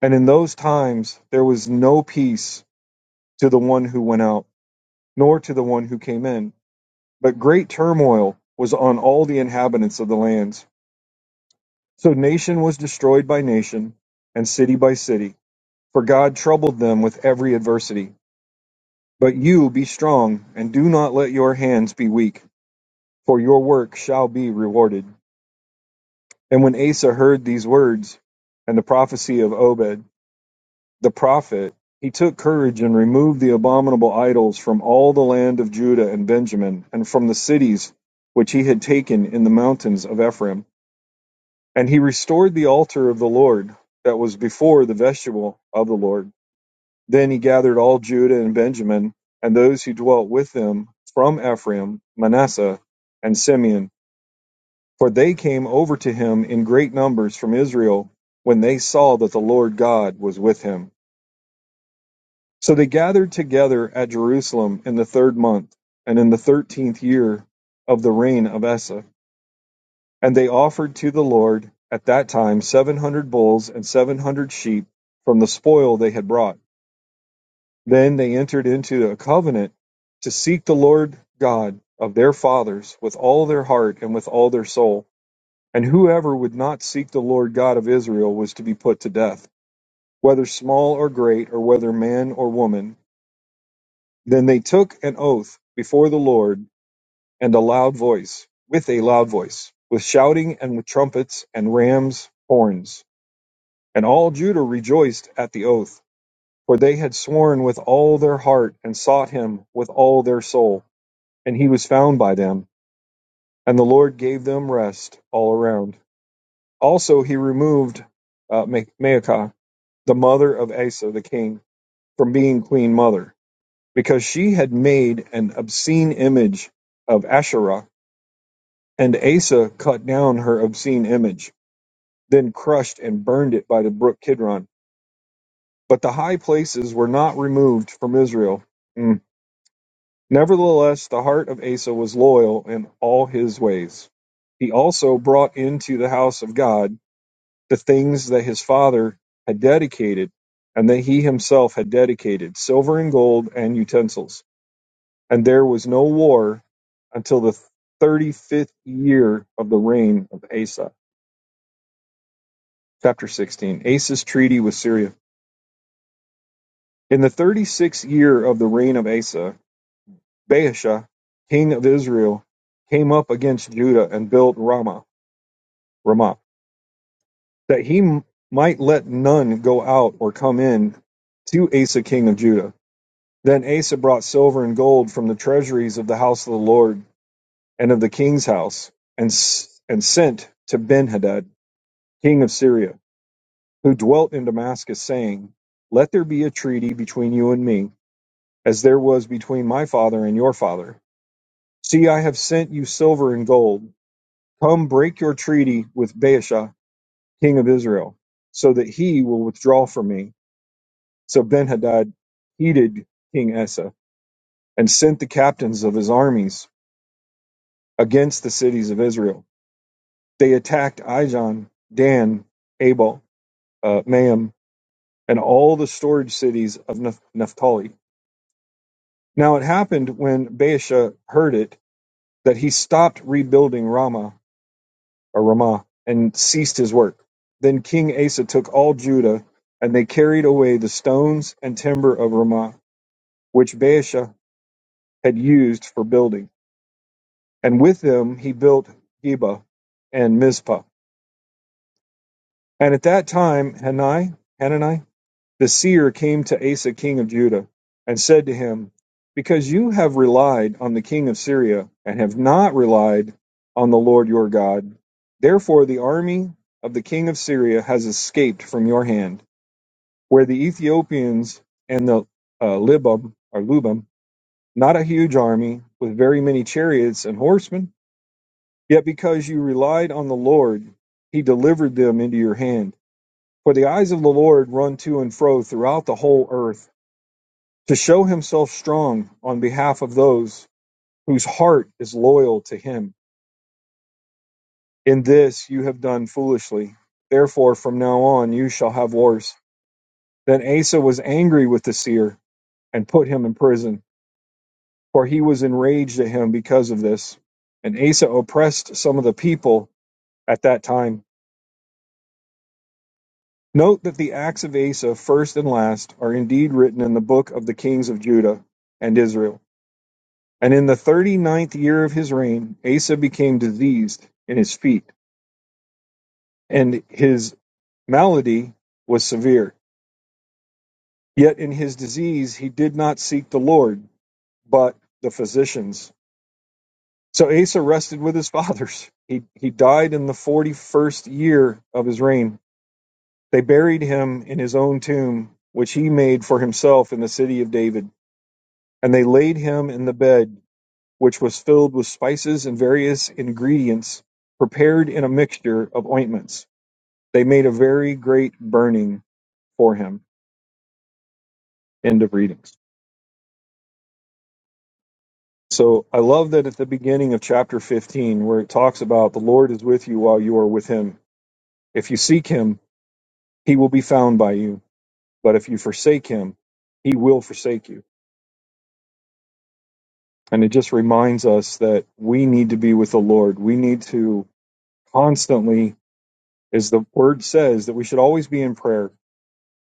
S2: And in those times there was no peace to the one who went out, nor to the one who came in. But great turmoil was on all the inhabitants of the lands. So nation was destroyed by nation, and city by city, for God troubled them with every adversity. But you be strong, and do not let your hands be weak, for your work shall be rewarded. And when Asa heard these words and the prophecy of Obed the prophet, he took courage and removed the abominable idols from all the land of Judah and Benjamin, and from the cities which he had taken in the mountains of Ephraim. And he restored the altar of the Lord that was before the vestibule of the Lord Then he gathered all Judah and Benjamin, and those who dwelt with them from Ephraim, Manasseh, and Simeon, for they came over to him in great numbers from Israel when they saw that the Lord God was with him. So they gathered together at Jerusalem in the third month, and in the thirteenth year of the reign of Asa. And they offered to the Lord at that time seven hundred bulls and seven hundred sheep from the spoil they had brought. Then they entered into a covenant to seek the Lord God of their fathers with all their heart and with all their soul. And whoever would not seek the Lord God of Israel was to be put to death, whether small or great, or whether man or woman. Then they took an oath before the Lord and a loud voice, with a loud voice, with shouting and with trumpets and rams' horns. And all Judah rejoiced at the oath, for they had sworn with all their heart and sought him with all their soul. and he was found by them, and the Lord gave them rest all around. Also, he removed uh, Maacah, the mother of Asa the king, from being queen mother, because she had made an obscene image of Asherah, and Asa cut down her obscene image, then crushed and burned it by the brook Kidron. But the high places were not removed from Israel. Mm. Nevertheless, the heart of Asa was loyal in all his ways. He also brought into the house of God the things that his father had dedicated and that he himself had dedicated, silver and gold and utensils. And there was no war until the 35th year of the reign of Asa. Chapter 16 Asa's treaty with Syria. In the 36th year of the reign of Asa, Baasha, king of Israel, came up against Judah and built Ramah Ramah, that he m- might let none go out or come in to Asa king of Judah. Then Asa brought silver and gold from the treasuries of the house of the Lord and of the king's house, and, s- and sent to Benhadad, king of Syria, who dwelt in Damascus, saying, Let there be a treaty between you and me, as there was between my father and your father. See, I have sent you silver and gold. Come break your treaty with Baasha, king of Israel, so that he will withdraw from me So Benhadad heeded King Asa and sent the captains of his armies against the cities of Israel. They attacked Ijon, Dan, Abel, uh, Maam, and all the storage cities of Naph- Naphtali. Now it happened when Baasha heard it that he stopped rebuilding Ramah or Ramah and ceased his work. Then King Asa took all Judah, and they carried away the stones and timber of Ramah, which Baasha had used for building and with them he built Geba and Mizpah. And at that time Hanai, Hanani, the seer, came to Asa king of Judah, and said to him, Because you have relied on the king of Syria, and have not relied on the Lord your God, therefore the army of the king of Syria has escaped from your hand, where the Ethiopians and the uh, Libum, or Lubum, not a huge army, with very many chariots and horsemen, Yet because you relied on the Lord, he delivered them into your hand. For the eyes of the Lord run to and fro throughout the whole earth to show himself strong on behalf of those whose heart is loyal to him. In this you have done foolishly. Therefore, from now on you shall have wars. Then Asa was angry with the seer and put him in prison, for he was enraged at him because of this. And Asa oppressed some of the people at that time. Note that the acts of Asa, first and last, are indeed written in the book of the kings of Judah and Israel. And in the thirty ninth year of his reign, Asa became diseased in his feet, and his malady was severe. Yet in his disease he did not seek the Lord, but the physicians. So Asa rested with his fathers. He, he died in the 41st year of his reign. They buried him in his own tomb, which he made for himself in the city of David. And they laid him in the bed, which was filled with spices and various ingredients, prepared in a mixture of ointments. They made a very great burning for him. End of readings. So I love that at the beginning of chapter 15, where it talks about the Lord is with you while you are with him. If you seek him, he will be found by you. But if you forsake him, he will forsake you. And it just reminds us that we need to be with the Lord. We need to constantly is the word says that we should always be in prayer.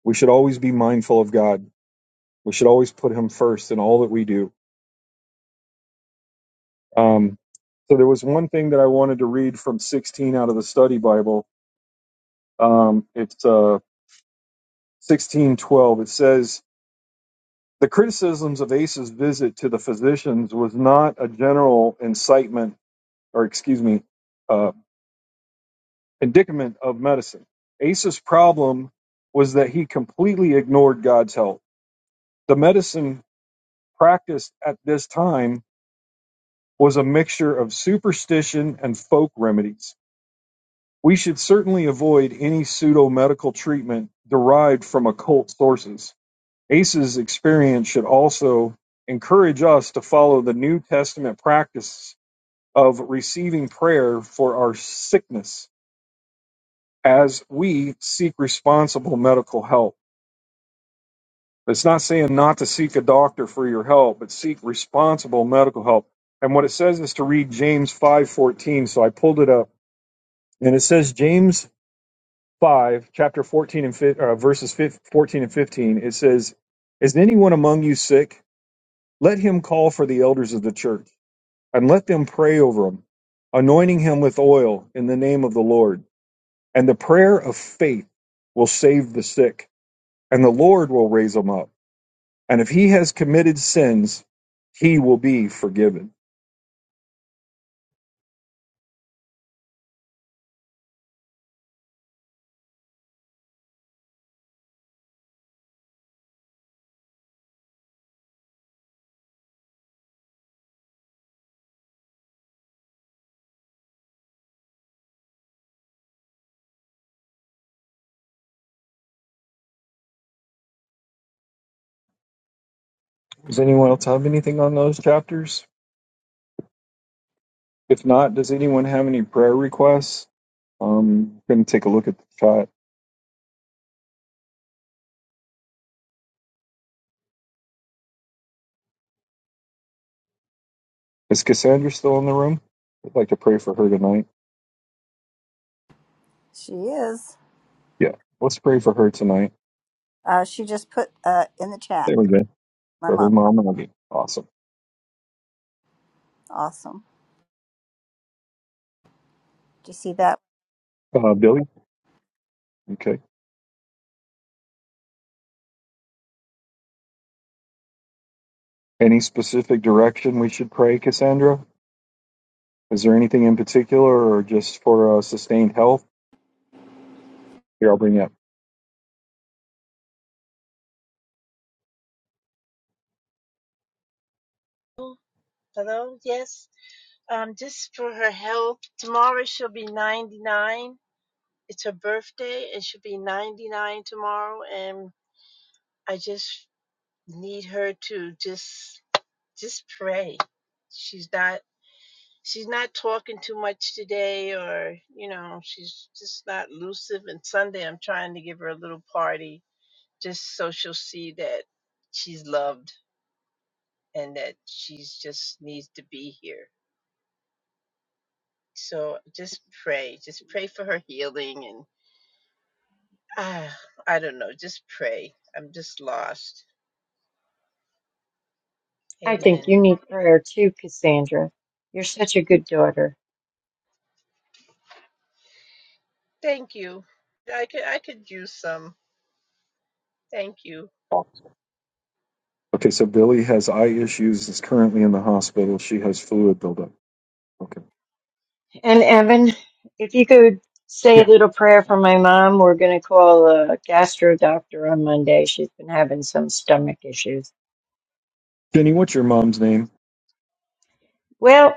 S2: We should always be mindful of God. We should always put him first in all that we do. Um, so there was one thing that I wanted to read from 16 out of the study Bible. Um, it's uh, 1612. It says, the criticisms of Asa's visit to the physicians was not a general incitement or excuse me, uh, indicament of medicine. Asa's problem was that he completely ignored God's help. The medicine practiced at this time was a mixture of superstition and folk remedies. We should certainly avoid any pseudo medical treatment derived from occult sources. ACE's experience should also encourage us to follow the New Testament practice of receiving prayer for our sickness as we seek responsible medical help. It's not saying not to seek a doctor for your help, but seek responsible medical help. And what it says is to read James 5:14. So I pulled it up, and it says James 5, chapter 14 and fif- uh, verses fif- 14 and 15. It says, "Is anyone among you sick? Let him call for the elders of the church, and let them pray over him, anointing him with oil in the name of the Lord. And the prayer of faith will save the sick, and the Lord will raise him up." And if he has committed sins, he will be forgiven. Does anyone else have anything on those chapters? If not, does anyone have any prayer requests? Um, I'm going to take a look at the chat. Is Cassandra still in the room? I'd like to pray for her tonight.
S1: she is
S2: Yeah, let's pray for her tonight.
S1: uh, she just put uh, in the chat
S2: There we go.
S1: my
S2: For
S1: mom
S2: her mom and again. Awesome.
S1: awesome did you see that
S2: Uh, Billy? Okay. Any specific direction we should pray, Cassandra? Is there anything in particular or just for uh, sustained health? Here, I'll bring you up.
S6: Hello, yes. Um, just for her health. Tomorrow she'll be 99. It's her birthday, and she'll be 99 tomorrow. And I just need her to just just pray. She's not she's not talking too much today, or you know, she's just not elusive. And Sunday, I'm trying to give her a little party just so she'll see that she's loved and that she's just needs to be here. So just pray, just pray for her healing, and ah, I don't know, just pray. I'm just lost.
S5: I think
S6: Amen.
S5: you need prayer too, Cassandra. You're such a good daughter.
S6: Thank you. I could I could use some. Thank you.
S2: Okay, so Billy has eye issues, is currently in the hospital. She has fluid buildup. Okay.
S5: And Evan, if you could say
S2: Yeah.
S5: a little prayer for my mom, we're going to call a gastro doctor on Monday. She's been having some stomach issues.
S2: Jenny, what's your mom's name?
S5: Well,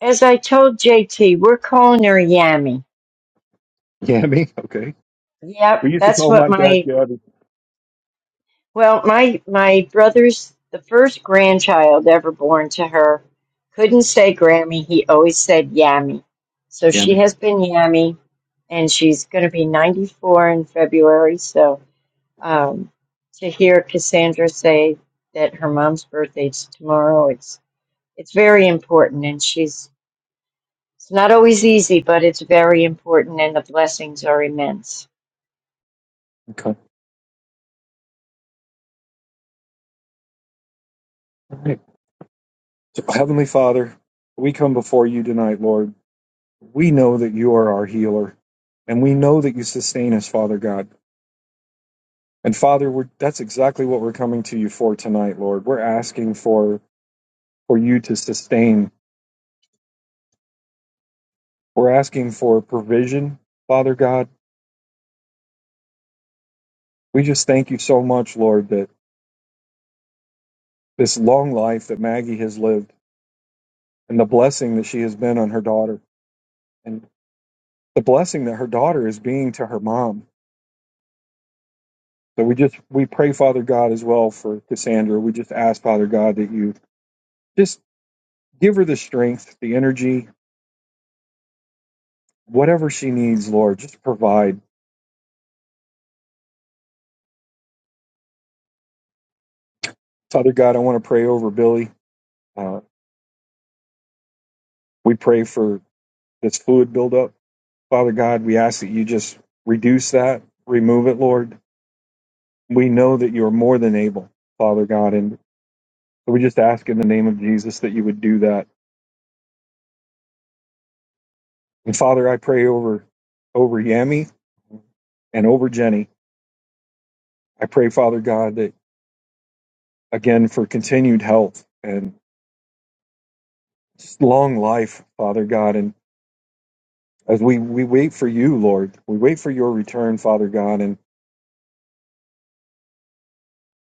S5: as I told JT, we're calling her Yammy.
S2: Yami. Okay.
S5: Yep,
S2: We used to
S5: that's
S2: call
S5: what
S2: my
S5: my
S2: dad Gabby.
S5: Well, my my brother's the first grandchild ever born to her. Couldn't say Grammy, he always said Yammy. So she
S2: Yami.
S5: has been Yammy, and she's going to be 94 in February. So um, to hear Cassandra say that her mom's birthday's tomorrow, it's it's very important, and she's it's not always easy, but it's very important, and the blessings are immense.
S2: Okay. All right. So, Heavenly Father, we come before you tonight, Lord. We know that you are our healer, and we know that you sustain us, Father God. And Father, we're, that's exactly what we're coming to you for tonight, Lord. We're asking for for you to sustain. We're asking for provision, Father God. We just thank you so much, Lord, that this long life that Maggie has lived and the blessing that she has been on her daughter and the blessing that her daughter is being to her mom. So we just we pray Father God as well for Cassandra. We just ask Father God that you just give her the strength, the energy, whatever she needs, Lord, just provide. Father God, I want to pray over Billy. Uh, we pray for this fluid buildup. Father God, we ask that you just reduce that, remove it, Lord. We know that you are more than able, Father God, and So we just ask in the name of Jesus that you would do that. And Father, I pray over over Yami and over Jenny. I pray, Father God, that again for continued health and long life, Father God. And as we, we wait for you, Lord, we wait for your return, Father God. And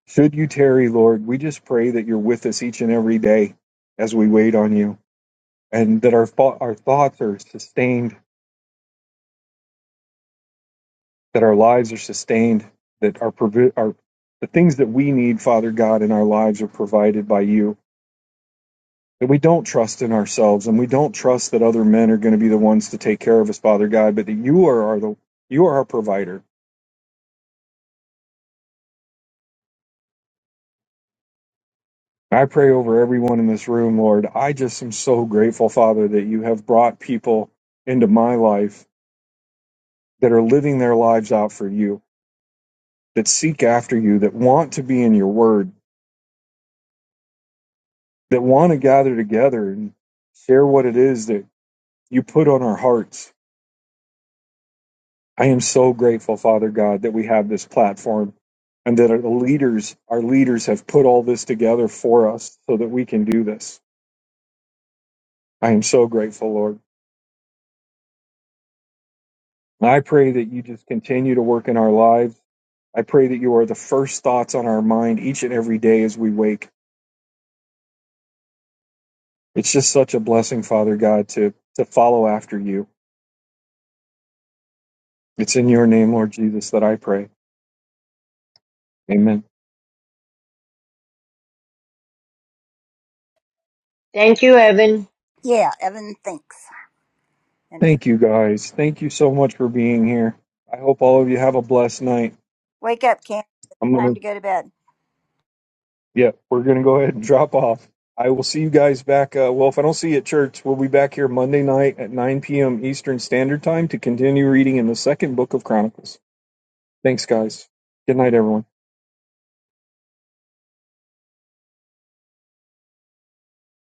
S2: should you tarry, Lord, we just pray that you're with us each and every day as we wait on you and that our, thought our thoughts are sustained that our lives are sustained, that our, our the things that we need, Father God, in our lives are provided by you. That we don't trust in ourselves, and we don't trust that other men are going to be the ones to take care of us, Father God, but that you are our, the you are our provider. I pray over everyone in this room, Lord. I just am so grateful, Father, that you have brought people into my life that are living their lives out for you, that seek after you, that want to be in your word, that want to gather together and share what it is that you put on our hearts. I am so grateful, Father God, that we have this platform and that our leaders, our leaders have put all this together for us so that we can do this. I am so grateful, Lord. And I pray that you just continue to work in our lives. I pray that you are the first thoughts on our mind each and every day as we wake. It's just such a blessing, Father God, to, to follow after you. It's in your name, Lord Jesus, that I pray. Amen.
S5: Thank you, Evan.
S1: yeah evan thinks and
S2: Thank you guys. Thank you so much for being here. I hope all of you have a blessed night.
S1: wake up Cam.
S2: I'm
S1: time
S2: gonna,
S1: to go to bed
S2: yeah, we're gonna go ahead and drop off. I will see you guys back. Uh, well, if I don't see you at church, we'll be back here Monday night at 9 p.m. Eastern Standard Time to continue reading in the second book of Chronicles. Thanks, guys. Good night, everyone.